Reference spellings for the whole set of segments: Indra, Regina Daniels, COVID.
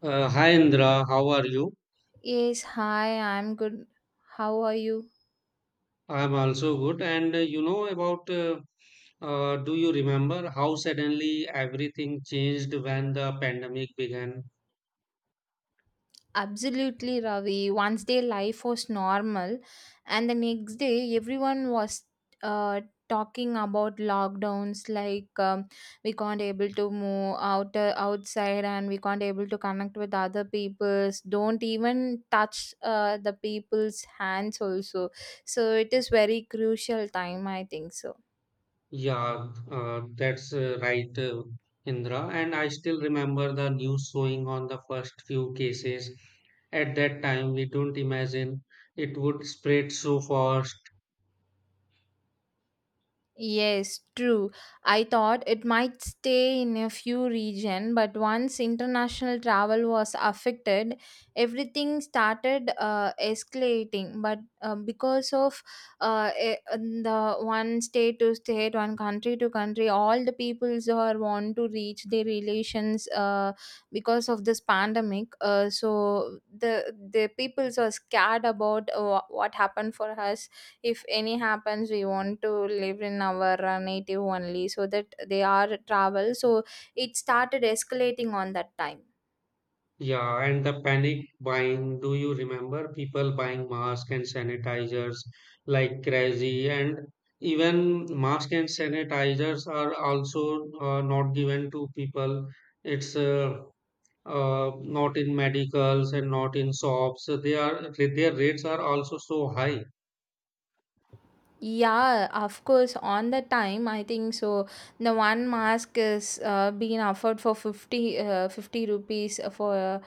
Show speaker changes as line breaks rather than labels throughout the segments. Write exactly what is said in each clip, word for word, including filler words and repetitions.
Uh, hi Indra, how are you?
Yes, hi, I'm good. How are you?
I'm also good. And uh, you know about, uh, uh, do you remember how suddenly everything changed when the pandemic began?
Absolutely, Ravi. One day life was normal, and the next day everyone was uh, talking about lockdowns. Like um, we can't able to move out uh, outside, and we can't able to connect with other people's. Don't even touch uh, the people's hands also. So it is very crucial time, I think so.
Yeah, uh, that's uh, right, uh, Indra. And I still remember the news showing on the first few cases. At that time, we don't imagine it would spread so fast.
Yes, true. I thought it might stay in a few region, but once international travel was affected, everything started uh, escalating. But uh, because of uh, e- the one state to state, one country to country, all the peoples who are want to reach their relations uh, because of this pandemic. Uh, so the the peoples are scared about uh, what happened for us. If any happens we want to live in our uh, native only, so that they are travel, so it started escalating on that time.
Yeah, and the panic buying. Do you remember people buying masks and sanitizers like crazy? And even masks and sanitizers are also uh, not given to people. It's uh, uh, not in medicals and not in shops. So they are their rates are also so high.
Yeah, of course. On the time, I think so. The one mask is uh, being offered for fifty, uh, fifty rupees for uh,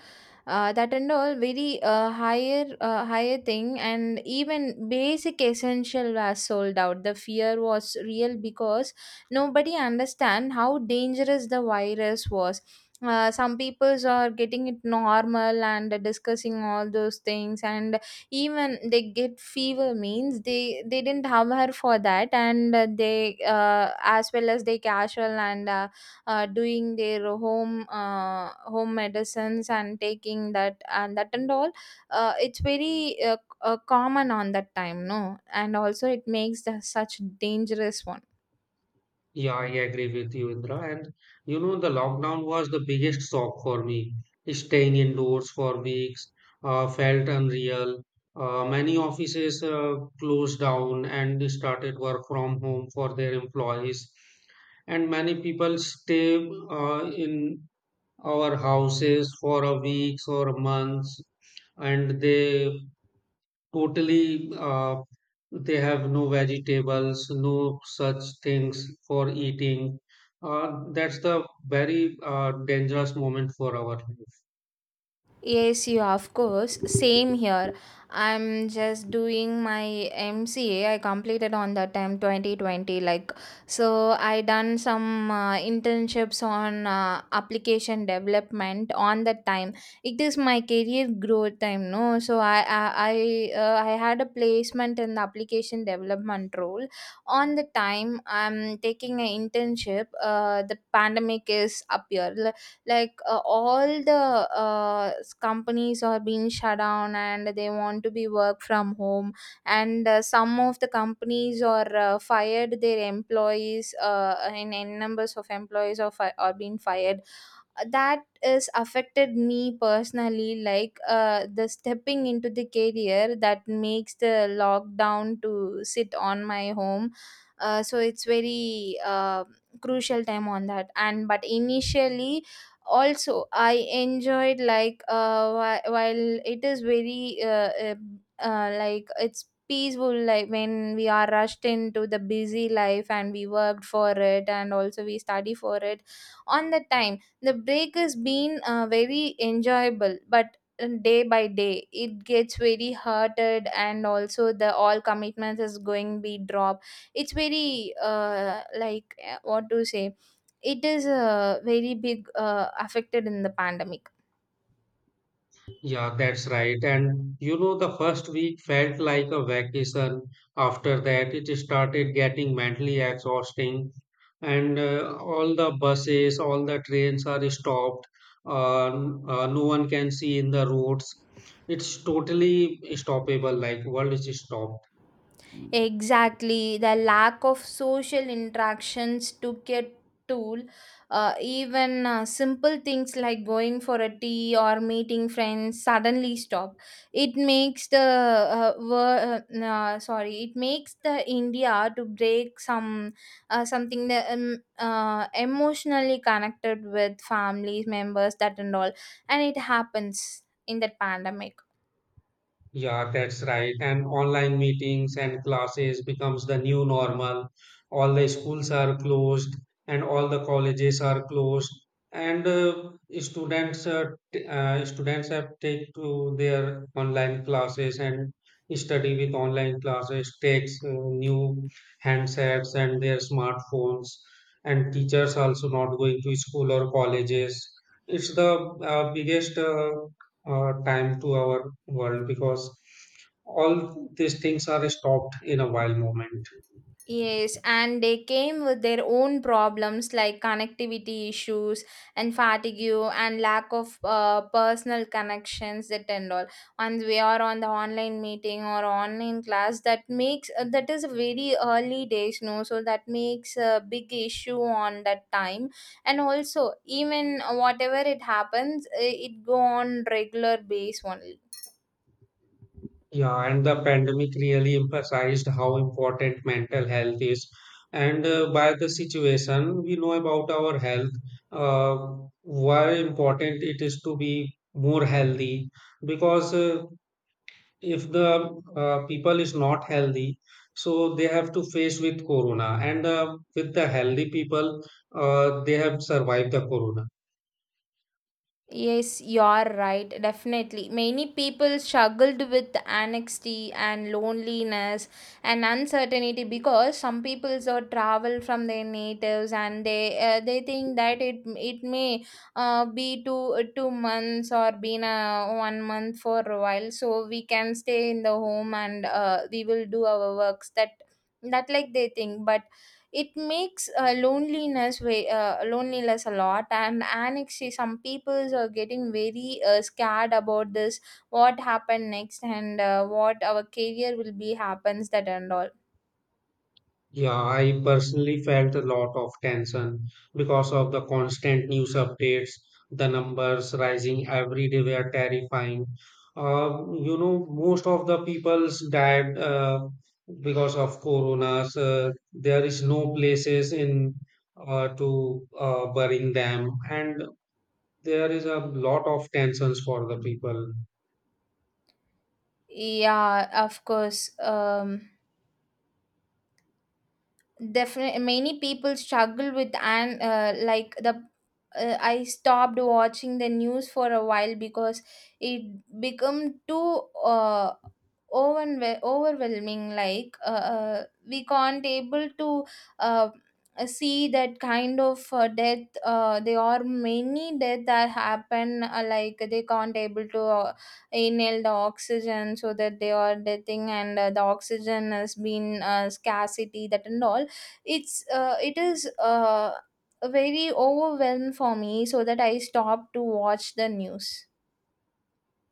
uh, that and all, very uh, higher uh, higher thing, and even basic essential was sold out. The fear was real because nobody understand how dangerous the virus was. Uh, some peoples are getting it normal and discussing all those things, and even they get fever means they they didn't have her for that, and uh, they uh, as well as they casual, and uh, uh, doing their home uh, home medicines and taking that and that and all. Uh, it's very uh, uh, common on that time, no, and also it makes the, such dangerous one.
Yeah, I agree with you, Indra. And you know, the lockdown was the biggest shock for me. Staying indoors for weeks uh, felt unreal. Uh, many offices uh, closed down and started work from home for their employees. And many people stay uh, in our houses for a weeks or months, and they totally uh, they have no vegetables, no such things for eating, uh, that's the very uh, dangerous moment for our life.
Yes, you of course. Same here. I'm just doing my M C A. I completed on that time twenty twenty. Like so, I done some uh, internships on uh, application development on that time. It is my career growth time, no. So I I I, uh, I had a placement in the application development role. On the time I'm taking an internship. Uh, the pandemic is up here, like uh, all the uh, s- companies are being shut down and they want to be work from home, and uh, some of the companies are uh, fired their employees uh, in n numbers of employees are, fi- are being fired. That is affected me personally, like uh, the stepping into the career that makes the lockdown to sit on my home. Uh, so it's very uh, crucial time on that, and but initially also I enjoyed, like uh whi- while it is very uh, uh, uh like it's peaceful, like when we are rushed into the busy life and we worked for it and also we study for it. On the time the break has been uh, very enjoyable, but uh, day by day it gets very hurted, and also the all commitments is going be drop. It's very uh like uh, what to say, it is uh, very big uh, affected in the pandemic.
Yeah, that's right. And you know, the first week felt like a vacation. After that, it started getting mentally exhausting. And uh, all the buses, all the trains are stopped. Uh, n- uh, no one can see in the roads. It's totally stoppable, like world is stopped.
Exactly, the lack of social interactions took a toll. Uh, even uh, simple things like going for a tea or meeting friends suddenly stop. It makes the uh, wor- uh, uh, sorry, it makes the India to break some uh, something that um, uh, emotionally connected with families members that and all, and it happens in that pandemic.
Yeah, that's right. And online meetings and classes becomes the new normal. All the schools are closed and all the colleges are closed. And uh, students uh, t- uh, students have take to their online classes and study with online classes, takes uh, new handsets and their smartphones. And teachers also not going to school or colleges. It's the uh, biggest uh, uh, time to our world because all these things are stopped in a wild moment.
Yes, and they came with their own problems like connectivity issues and fatigue and lack of uh, personal connections that and all. Once we are on the online meeting or online class, that makes uh, that is very early days, no. So that makes a big issue on that time, and also even whatever it happens, uh, it go on regular base only.
Yeah, and the pandemic really emphasized how important mental health is. And uh, by the situation, we know about our health, uh, why important it is to be more healthy. Because uh, if the uh, people is not healthy, so they have to face with corona. And uh, with the healthy people, uh, they have survived the corona.
Yes, you're right. Definitely. Many people struggled with anxiety and loneliness and uncertainty, because some people so travel from their natives, and they uh, they think that it it may uh, be two two months or been a one month for a while, so we can stay in the home, and uh, we will do our works that that like they think, but it makes uh, loneliness way, uh, loneliness a lot, and actually some peoples are getting very uh, scared about this. What happened next, and uh, what our career will be happens that and all.
Yeah, I personally felt a lot of tension because of the constant news updates. The numbers rising every day were terrifying. Um, you know, most of the people's died uh, because of coronas. Uh, there is no places in uh, to uh, burying them, and there is a lot of tensions for the people.
Yeah, of course. Um, definitely many people struggle with, and uh, like the uh, I stopped watching the news for a while, because it become too uh, overwhe- overwhelming, like uh, uh, we can't able to uh, see that kind of uh, death. Uh, there are many death that happen, uh, like they can't able to uh, inhale the oxygen, so that they are deathing, and uh, the oxygen has been uh, scarcity that and all. It's uh, it is uh, Very overwhelmed for me, so that I stop to watch the news.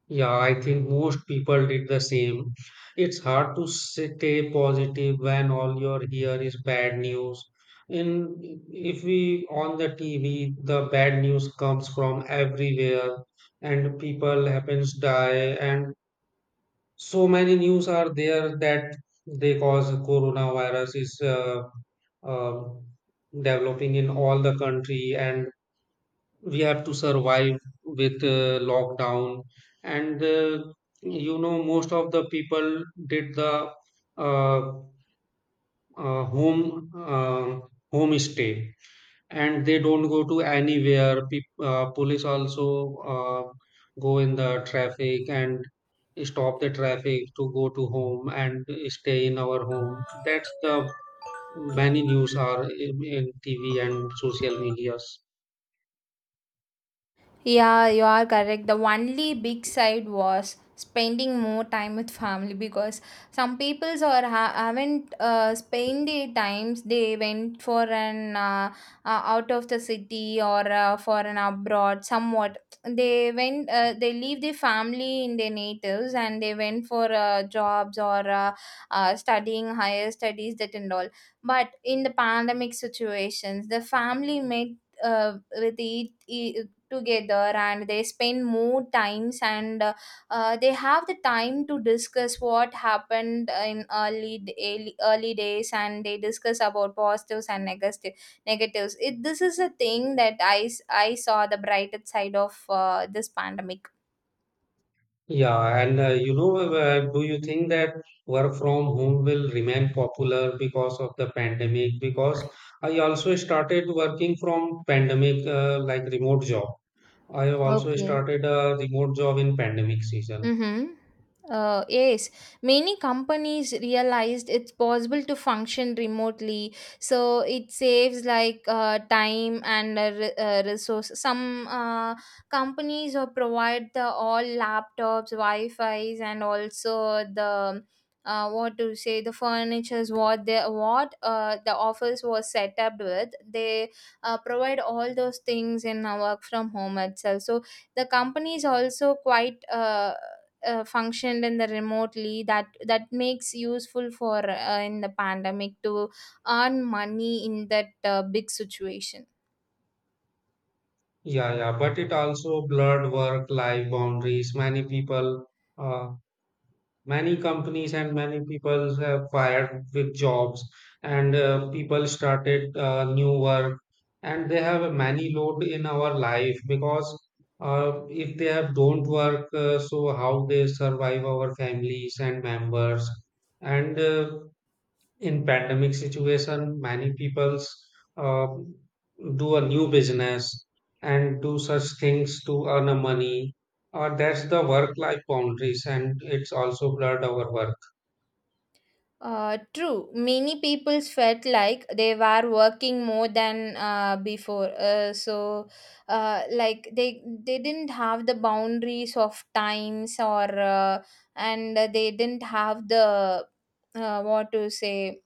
Yeah, I think most people did the same. It's hard to stay positive when all you're here is bad news. In if we on the T V, the bad news comes from everywhere, and people happens die, and so many news are there that they cause coronavirus is uh, uh, developing in all the country and we have to survive with uh, lockdown and uh, you know most of the people did the uh, uh, home uh, home stay and they don't go to anywhere. Peop- uh, police also uh, go in the traffic and stop the traffic to go to home and stay in our home. That's the many news are in, in TV and social medias.
Yeah, you are correct. The only big side was spending more time with family, because some peoples are ha- haven't uh, spent the times, they went for an uh, uh, out of the city or uh, for an abroad somewhat. They went uh, they leave their family in their natives and they went for uh, jobs or uh, uh, studying higher studies that and all, but in the pandemic situations the family met uh, with each, e, together, and they spend more times, and uh, uh, they have the time to discuss what happened in early d- early early days, and they discuss about positives and negative negatives it. This is a thing that i s- I saw the brighter side of uh, this pandemic.
Yeah, and uh, you know, uh, do you think that work from home will remain popular because of the pandemic? Because I also started working from pandemic, uh, like remote job. I have also
Okay,
started a remote job in pandemic season.
mm-hmm. Uh, yes, many companies realized it's possible to function remotely, so it saves like uh, time and uh, re- uh, resource. Some uh, companies uh, provide the all laptops, Wi-Fi's, and also the uh, what to say, the furnitures what they what uh, the office was set up with. They uh, provide all those things in uh, work from home itself. So the companies also quite. Uh, uh, functioned in the remotely that that makes useful for uh, in the pandemic to earn money in that uh, big situation.
Yeah, yeah, but it also blurred work-life boundaries. Many people, uh, many companies and many people have fired with jobs, and uh, people started uh, new work, and they have a many load in our life. Because uh, if they have don't work, uh, so how they survive our families and members. And uh, in pandemic situation, many peoples uh, do a new business and do such things to earn a money, or that's the work life boundaries and it's also blurred our work.
Uh, true, many people felt like they were working more than uh, before, uh, so uh, like they they didn't have the boundaries of times or uh, and they didn't have the uh, what to say,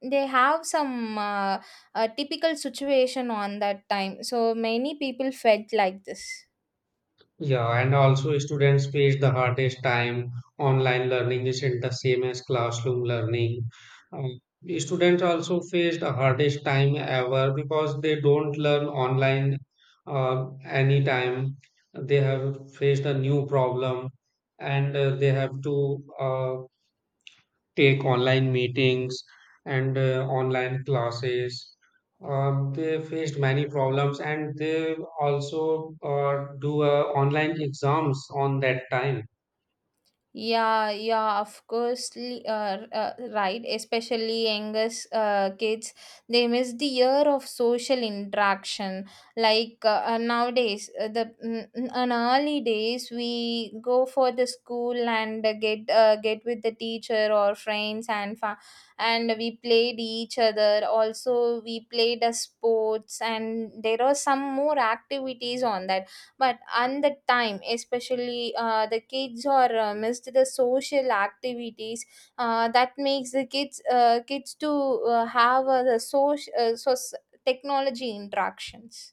they have some uh, uh, typical situation on that time, so many people felt like this.
Yeah, and also students face the hardest time. Online learning isn't the same as classroom learning. Um, students also face the hardest time ever because they don't learn online uh, anytime. They have faced a new problem, and uh, they have to uh, take online meetings and uh, online classes. Um, they faced many problems and they also uh, do uh, online exams on that time.
Yeah, yeah, of course, li- uh, uh, right. Especially youngest uh, kids, they miss the year of social interaction. Like uh, uh, nowadays, uh, the mm, mm, in early days, we go for the school and uh, get uh, get with the teacher or friends, and fa- and we played each other. Also, we played uh, sports, and there are some more activities on that, but on the time especially uh, the kids are uh, missed the social activities. Uh, that makes the kids uh, kids to uh, have uh, the social uh, so technology interactions.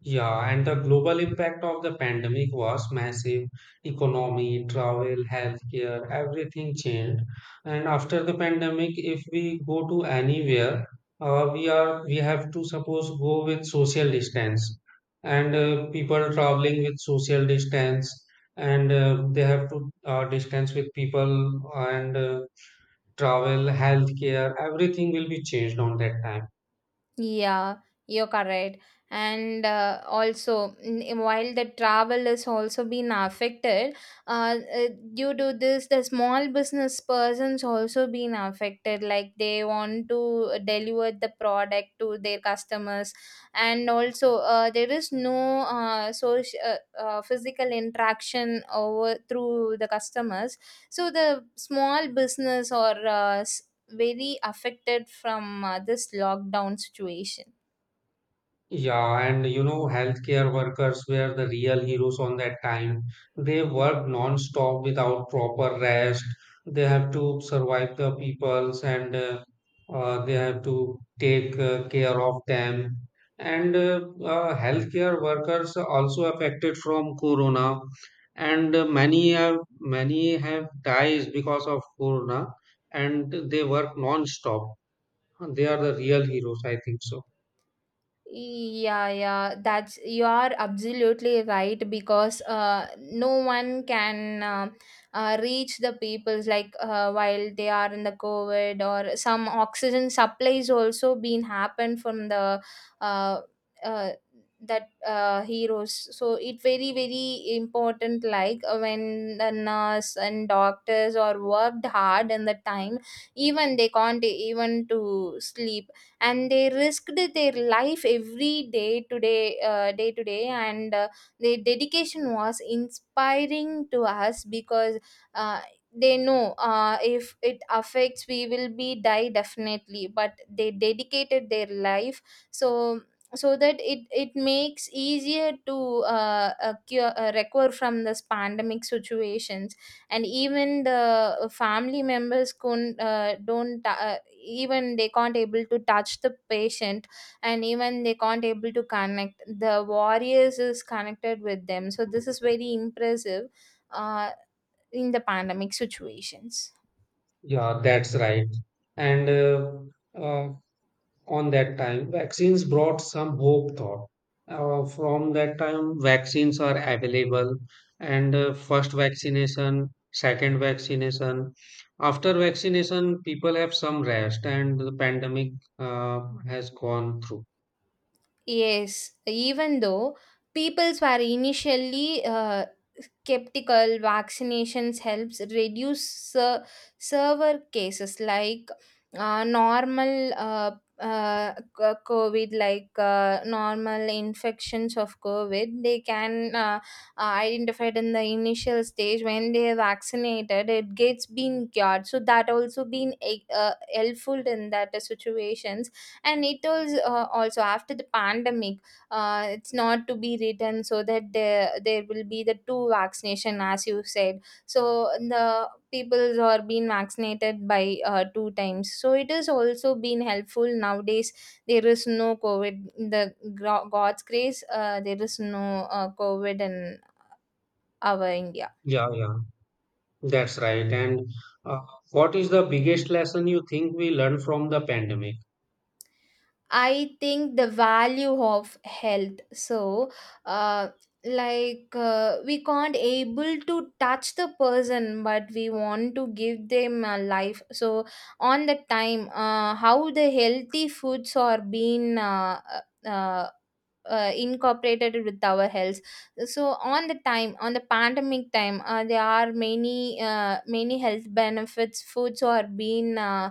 Yeah, and the global impact of the pandemic was massive. Economy, travel, healthcare, everything changed. And after the pandemic, if we go to anywhere, uh, we are we have to suppose go with social distance, and uh, people traveling with social distance, and uh, they have to uh, distance with people, and uh, travel, healthcare, everything will be changed on that time.
Yeah, you're correct. And uh, also, n- while the travel is also being affected, uh, uh, due to this, the small business persons also being affected. Like they want to uh, deliver the product to their customers, and also uh, there is no uh, social uh, uh, physical interaction over through the customers. So the small business or uh, s- very affected from uh, this lockdown situation.
Yeah, and you know, healthcare workers were the real heroes on that time. They worked non-stop without proper rest. They have to survive the peoples and uh, uh, they have to take uh, care of them. And uh, uh, healthcare workers are also affected from corona, and uh, many have many have died because of corona, and they work non-stop. They are the real heroes, I think so.
Yeah, yeah, that's, you are absolutely right, because uh, no one can um uh, reach the peoples, like uh, while they are in the COVID, or some oxygen supplies also been happened from the uh, uh, that uh, heroes. So it very very important, like uh, when the nurse and doctors are worked hard in the time, even they can't even to sleep, and they risked their life every day today, day uh, day to day, and uh, their dedication was inspiring to us because uh, they know, uh, if it affects we will be die definitely, but they dedicated their life, so so that it it makes easier to uh, uh, cure, uh, recover from this pandemic situations. And even the family members couldn't uh, don't uh, even they can't able to touch the patient, and even they can't able to connect the warriors is connected with them, so this is very impressive uh, in the pandemic situations.
Yeah, that's right. And uh, uh, on that time, vaccines brought some hope thought. Uh, from that time, vaccines are available, and uh, first vaccination, second vaccination. After vaccination, people have some rest, and the pandemic uh, has gone through.
Yes, even though peoples were initially uh, skeptical, vaccinations helps reduce ser- server cases, like uh, normal uh, uh, c- covid, like uh, normal infections of covid they can uh, uh, identified in the initial stage. When they are vaccinated it gets been cured, so that also been a- uh, helpful in that uh, situations. And it was uh, also after the pandemic, uh, it's not to be written, so that there, there will be the two vaccination as you said. So the people are being vaccinated by uh, two times, so it is also been helpful nowadays. There is no covid in the gro- god's grace, uh, there is no uh, covid in our India.
Yeah, yeah, that's right. And uh, what is the biggest lesson you think we learned from the pandemic?
I think the value of health. So, uh, like uh, we can't able to touch the person, but we want to give them a life. So, on the time, uh, how the healthy foods are being uh, uh, uh, incorporated with our health. So on the time, on the pandemic time, uh, there are many uh, many health benefits foods are being uh,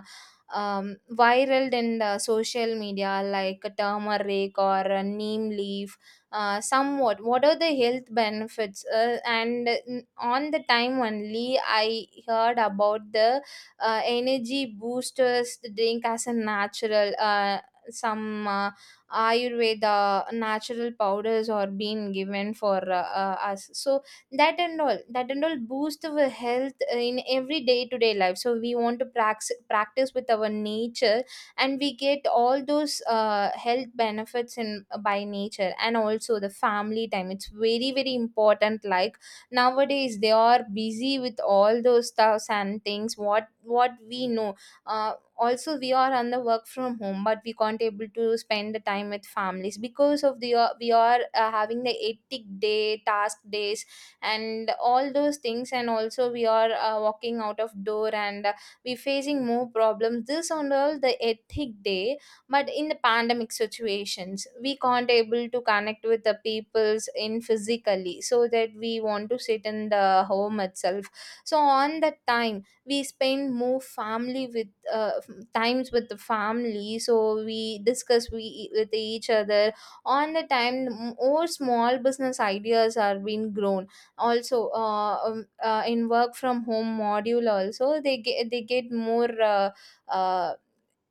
um, viral in the social media, like turmeric or uh, neem leaf, uh, somewhat what are the health benefits, uh, and n- on the time only I heard about the uh, energy boosters drink as a natural, uh, some uh, ayurveda natural powders are being given for uh, uh, us. So that and all, that and all boost our health in every day to day life, so we want to prax- practice with our nature and we get all those uh, health benefits in by nature. And also the family time, it's very very important. Like, nowadays they are busy with all those stuffs and things, what what we know. uh, Also we are on the work from home, but we can't able to spend the time with families because of the uh, we are uh, having the hectic day task days and all those things. And also we are uh, walking out of door, and uh, we facing more problems, this on all the hectic day. But in the pandemic situations we can't able to connect with the peoples in physically, so that we want to sit in the home itself. So on that time we spend more family with uh, times with the family, so we discuss we with each other. On the time, m- more small business ideas are being grown. Also uh, um, uh, in work from home module also, they get they get more uh, uh,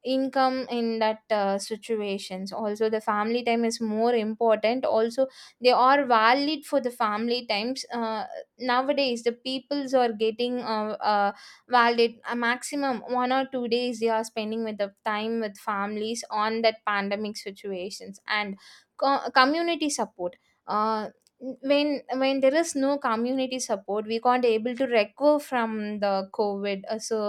income in that uh, situations. Also the family time is more important. Also they are valid for the family times uh, Nowadays the peoples are getting uh, uh, valid a maximum one or two days they are spending with the time with families on that pandemic situations. And co- community support, uh, when when there is no community support we can't able to recover from the covid. Uh, so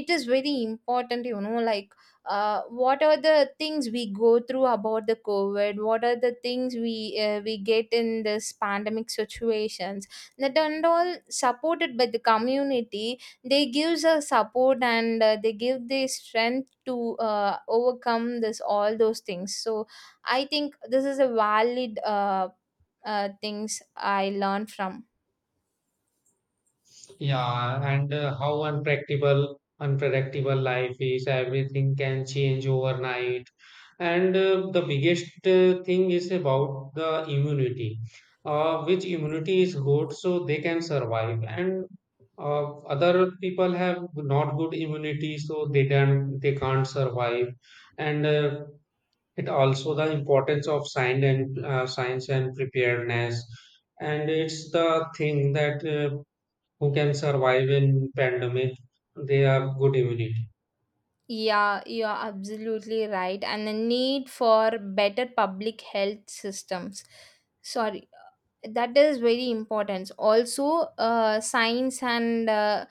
it is very important, you know, like uh, what are the things we go through about the covid, what are the things we uh, we get in this pandemic situations, that and all supported by the community. They gives us support, and uh, they give the strength to uh, overcome this all those things. So I think this is a valid uh, uh, things I learned from.
Yeah, and uh, how unpredictable unpredictable life is. Everything can change overnight. And uh, the biggest uh, thing is about the immunity, uh, which immunity is good, so they can survive. And uh, other people have not good immunity, so they don't they can't survive. And uh, it also the importance of science and uh, science and preparedness. And it's the thing that. Uh, who can survive in pandemic, they have good immunity.
Yeah, you are absolutely right. And the need for better public health systems. Sorry, uh, that is very important. Also, uh, science and uh,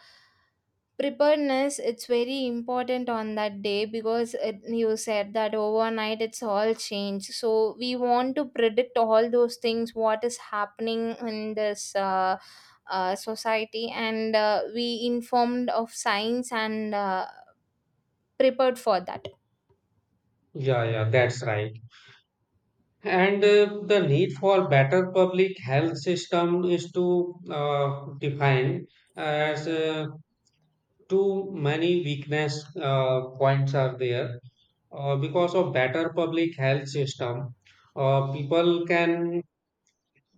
preparedness, it's very important on that day, because it, you said that overnight it's all changed, so we want to predict all those things what is happening in this uh, uh, society, and uh, we informed of science and uh, prepared for that.
Yeah, yeah, that's right. And uh, the need for better public health system is to uh, define as uh, too many weakness uh, points are there uh, because of better public health system, uh, people can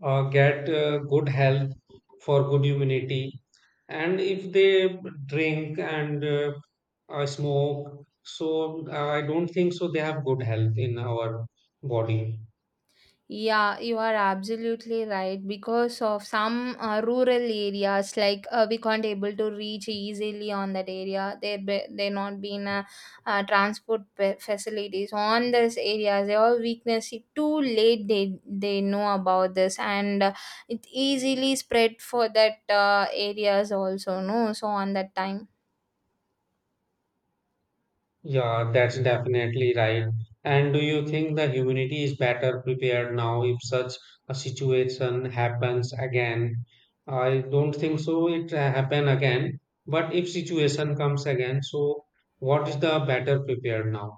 uh, get uh, good health for good immunity. And if they drink and uh, uh, smoke, so uh, I don't think so they have good health in our body.
Yeah, you are absolutely right. Because of some uh, rural areas, like uh, we can't able to reach easily on that area. There, be, there not been uh, uh, transport pe- facilities on these areas. They all weakness. It too late they they know about this, and uh, it easily spread for that uh, areas also. No, so on that time.
Yeah, that's definitely right. And do you think the humanity is better prepared now if such a situation happens again? I don't think so it uh, happen again, but if situation comes again, so what is the better prepared now?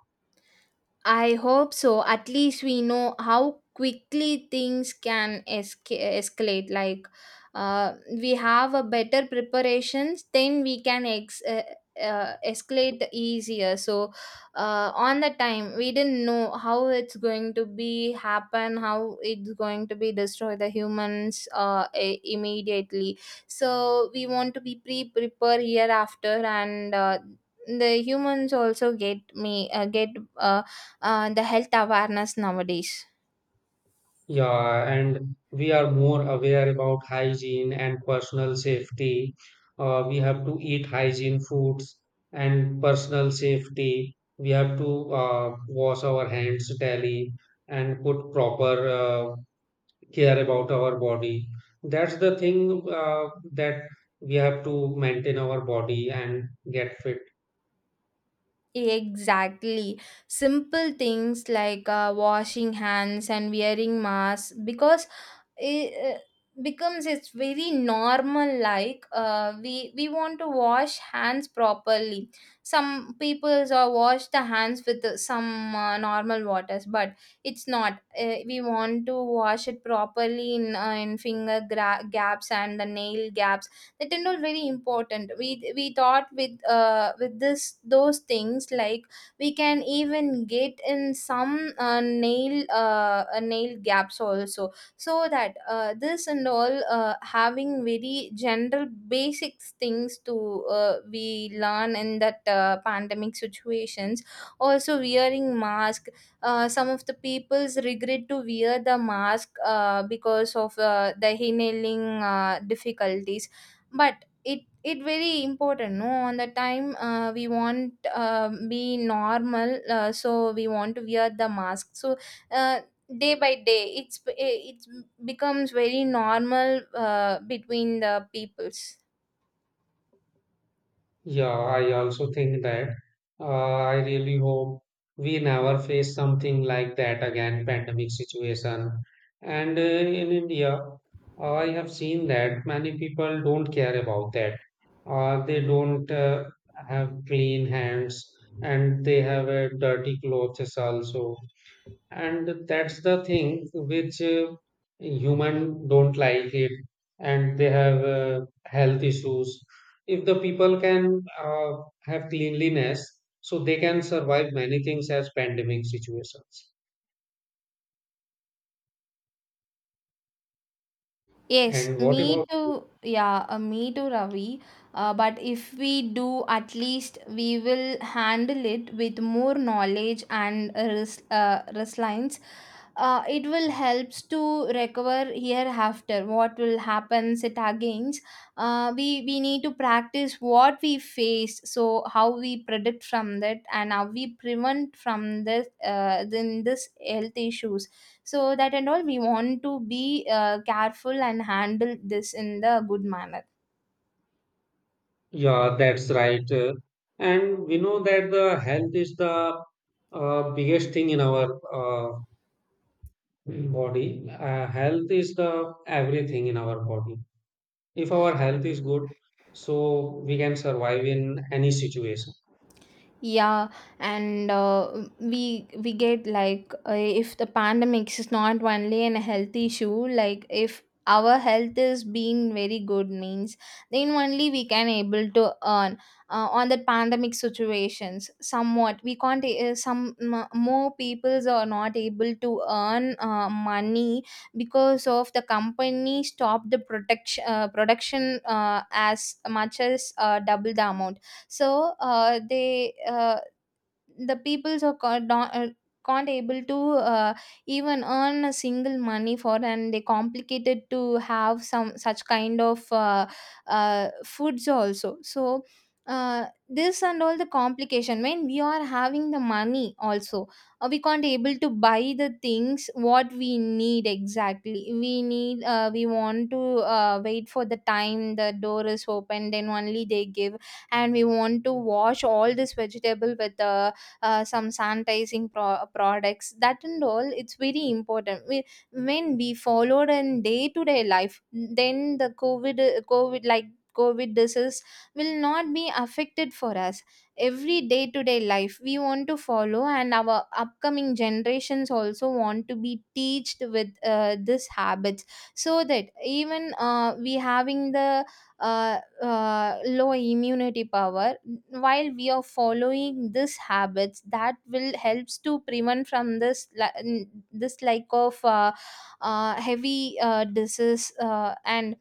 I hope so. At least we know how quickly things can esca- escalate. Like, uh, we have a better preparations, then we can ex- uh, uh, escalate easier. So, uh, on the time, we didn't know how it's going to be happen, how it's going to be destroy the humans uh, i- immediately. So, we want to be pre prepared hereafter, and uh, the humans also get me uh, get. Uh, uh, the health awareness nowadays.
Yeah, and we are more aware about hygiene and personal safety. Uh, we have to eat hygiene foods and personal safety. We have to uh, wash our hands daily and put proper uh, care about our body. That's the thing uh, that we have to maintain our body and get fit.
Exactly. Simple things like uh, washing hands and wearing masks, because it uh, becomes it's very normal. Like uh, we we want to wash hands properly. Some peoples are wash the hands with uh, some uh, normal waters, but it's not, uh, we want to wash it properly in, uh, in finger gra- gaps and the nail gaps. That are not very important, we we thought with uh, with this those things, like we can even get in some uh, nail uh, uh, nail gaps also. So that uh, this and all uh, having very general basic things to uh, we learn in that uh, pandemic situations. Also wearing mask, uh, some of the people's regret to wear the mask uh, because of uh, the inhaling uh, difficulties. But it it very important, no, on the time uh, we want uh, be normal, uh, so we want to wear the mask. So uh, day by day it's it becomes very normal uh, between the peoples.
Yeah, I also think that uh, I really hope we never face something like that again, pandemic situation. And uh, in India, uh, I have seen that many people don't care about that. Uh, they don't uh, have clean hands, and they have uh, dirty clothes also, and that's the thing which uh, human don't like it, and they have uh, health issues. If the people can uh, have cleanliness, so they can survive many things as pandemic situations. And
Yes,
what
me
about,
too. Yeah, uh, me too, Ravi. Uh, but if we do, at least we will handle it with more knowledge and res- uh, resilience. Uh, it will helps to recover hereafter. What will happen it against? Uh, we we need to practice what we face. So how we predict from that and how we prevent from this uh, then this health issues. So that and all we want to be uh, careful and handle this in the good manner.
yeah, that's right, uh, and we know that the health is the uh, biggest thing in our uh, body. Uh, health is the everything in our body. If our health is good, so we can survive in any situation.
Yeah, and uh, we we get, like, uh, if the pandemic is not only an health issue, like if our health is being very good means then only we can able to earn uh, on the pandemic situations, somewhat we can't uh, Some m- more peoples are not able to earn uh, money, because of the company stop the protection uh, production uh, as much as uh, double the amount. So uh, they uh, the peoples are ca- don- uh, can't able to uh, even earn a single money for, and they complicated to have some such kind of uh, uh, foods also. So uh, this and all the complication, when we are having the money also, uh, we can't able to buy the things what we need exactly, we need uh, We want to uh, wait for the time the door is open, then only they give. And we want to wash all this vegetable with the, uh, some sanitizing pro- products. That and all it's very important, we, when we followed in day to day life, then the covid covid like covid disease will not be affected for us. Every day to day life we want to follow, and our upcoming generations also want to be teached with uh, this habits. So that even uh, we having the uh, uh, low immunity power, while we are following these habits that will helps to prevent from this li- n- this like of uh, uh, heavy uh, disease. uh, and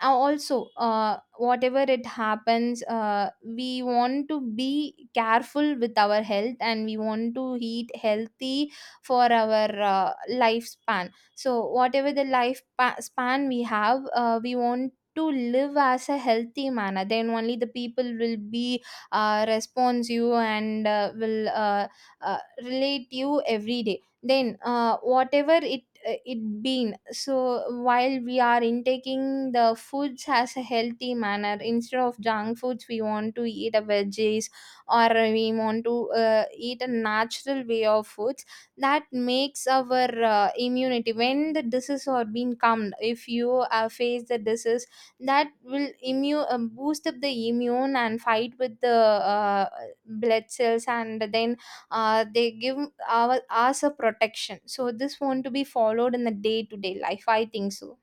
uh, also uh, whatever it happens, uh, we want to be careful with our health and we want to eat healthy for our uh, lifespan. So whatever the life pa- span we have, uh, we want to live as a healthy manner, then only the people will be uh, response you, and uh, will uh, uh, relate you every day, then uh, whatever it uh, it been. So while we are intaking the foods as a healthy manner, instead of junk foods we want to eat a veggies, or we want to uh, eat a natural way of foods. That makes our uh, immunity, when the disease are being calmed, if you uh, face the disease, that will immune um, boost up the immune and fight with the uh, blood cells, and then uh, they give our, us a protection. So this want to be followed in the day-to-day life, I think so.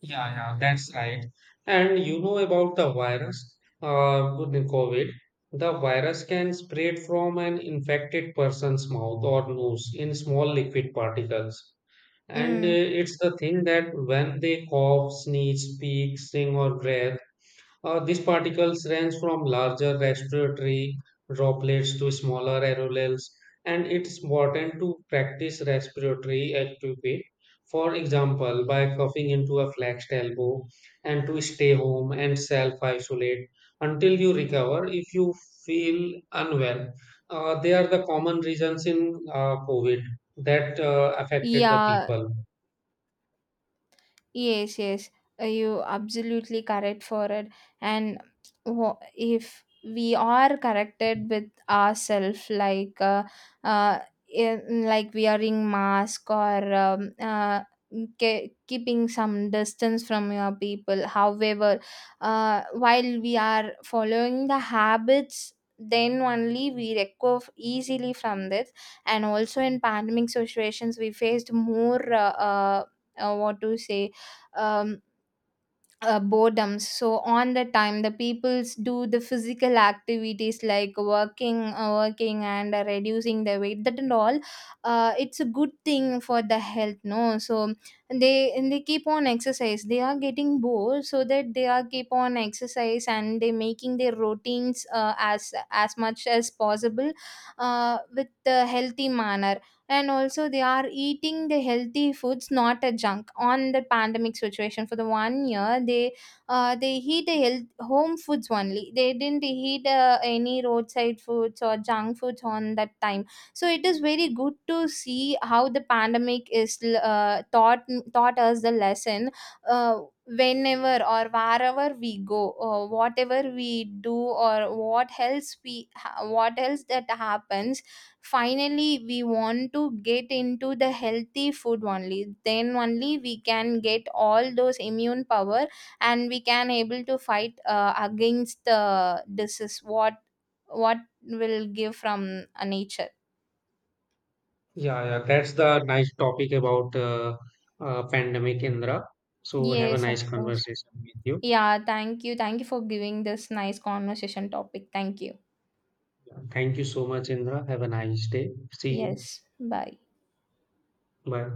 Yeah, yeah, that's right. And you know about the virus, uh with the COVID, the virus can spread from an infected person's mouth or nose in small liquid particles. And uh,
Mm.
it's the thing that when they cough, sneeze, speak, sing or breathe. Uh, these particles range from larger respiratory droplets to smaller aerosols, and it's important to practice respiratory etiquette. For example, by coughing into a flexed elbow, and to stay home and self isolate until you recover if you feel unwell. Uh, they are the common reasons in uh, COVID that uh, affected the
Yeah.
people.
Yes, yes, uh, you absolutely correct for it. And wha- if we are corrected with ourselves, like uh, uh, in, like wearing mask or um, uh, ke- keeping some distance from your people, however, uh, while we are following the habits, then only we recover easily from this. And also in pandemic situations, we faced more. Uh, uh, uh, what to say, um, uh, boredoms. So on the time, the peoples do the physical activities like working, uh, working and uh, reducing their weight. That and all, uh, it's a good thing for the health. No, so they and they keep on exercise. They are getting bored, so that they are keep on exercise and they making their routines uh, as as much as possible, uh, with the healthy manner. And also they are eating the healthy foods, not a junk, on the pandemic situation for the one year. They uh, they eat the health, home foods only, they didn't eat uh, any roadside foods or junk foods on that time. So it is very good to see how the pandemic is uh, taught taught us the lesson. uh, Whenever or wherever we go, uh, whatever we do or what else we ha- what else that happens, finally we want to get into the healthy food only, then only we can get all those immune power, and we can able to fight uh, against the disease what what will give from uh, nature.
Yeah, yeah, that's the nice topic about uh, uh, pandemic, Indra. So have a
Yes, of
nice
course.
conversation with you.
Yeah thank you thank you for giving this nice conversation topic. Thank you.
Yeah, thank you so much, Indra. Have a nice day. See you.
Yes, bye.
Bye.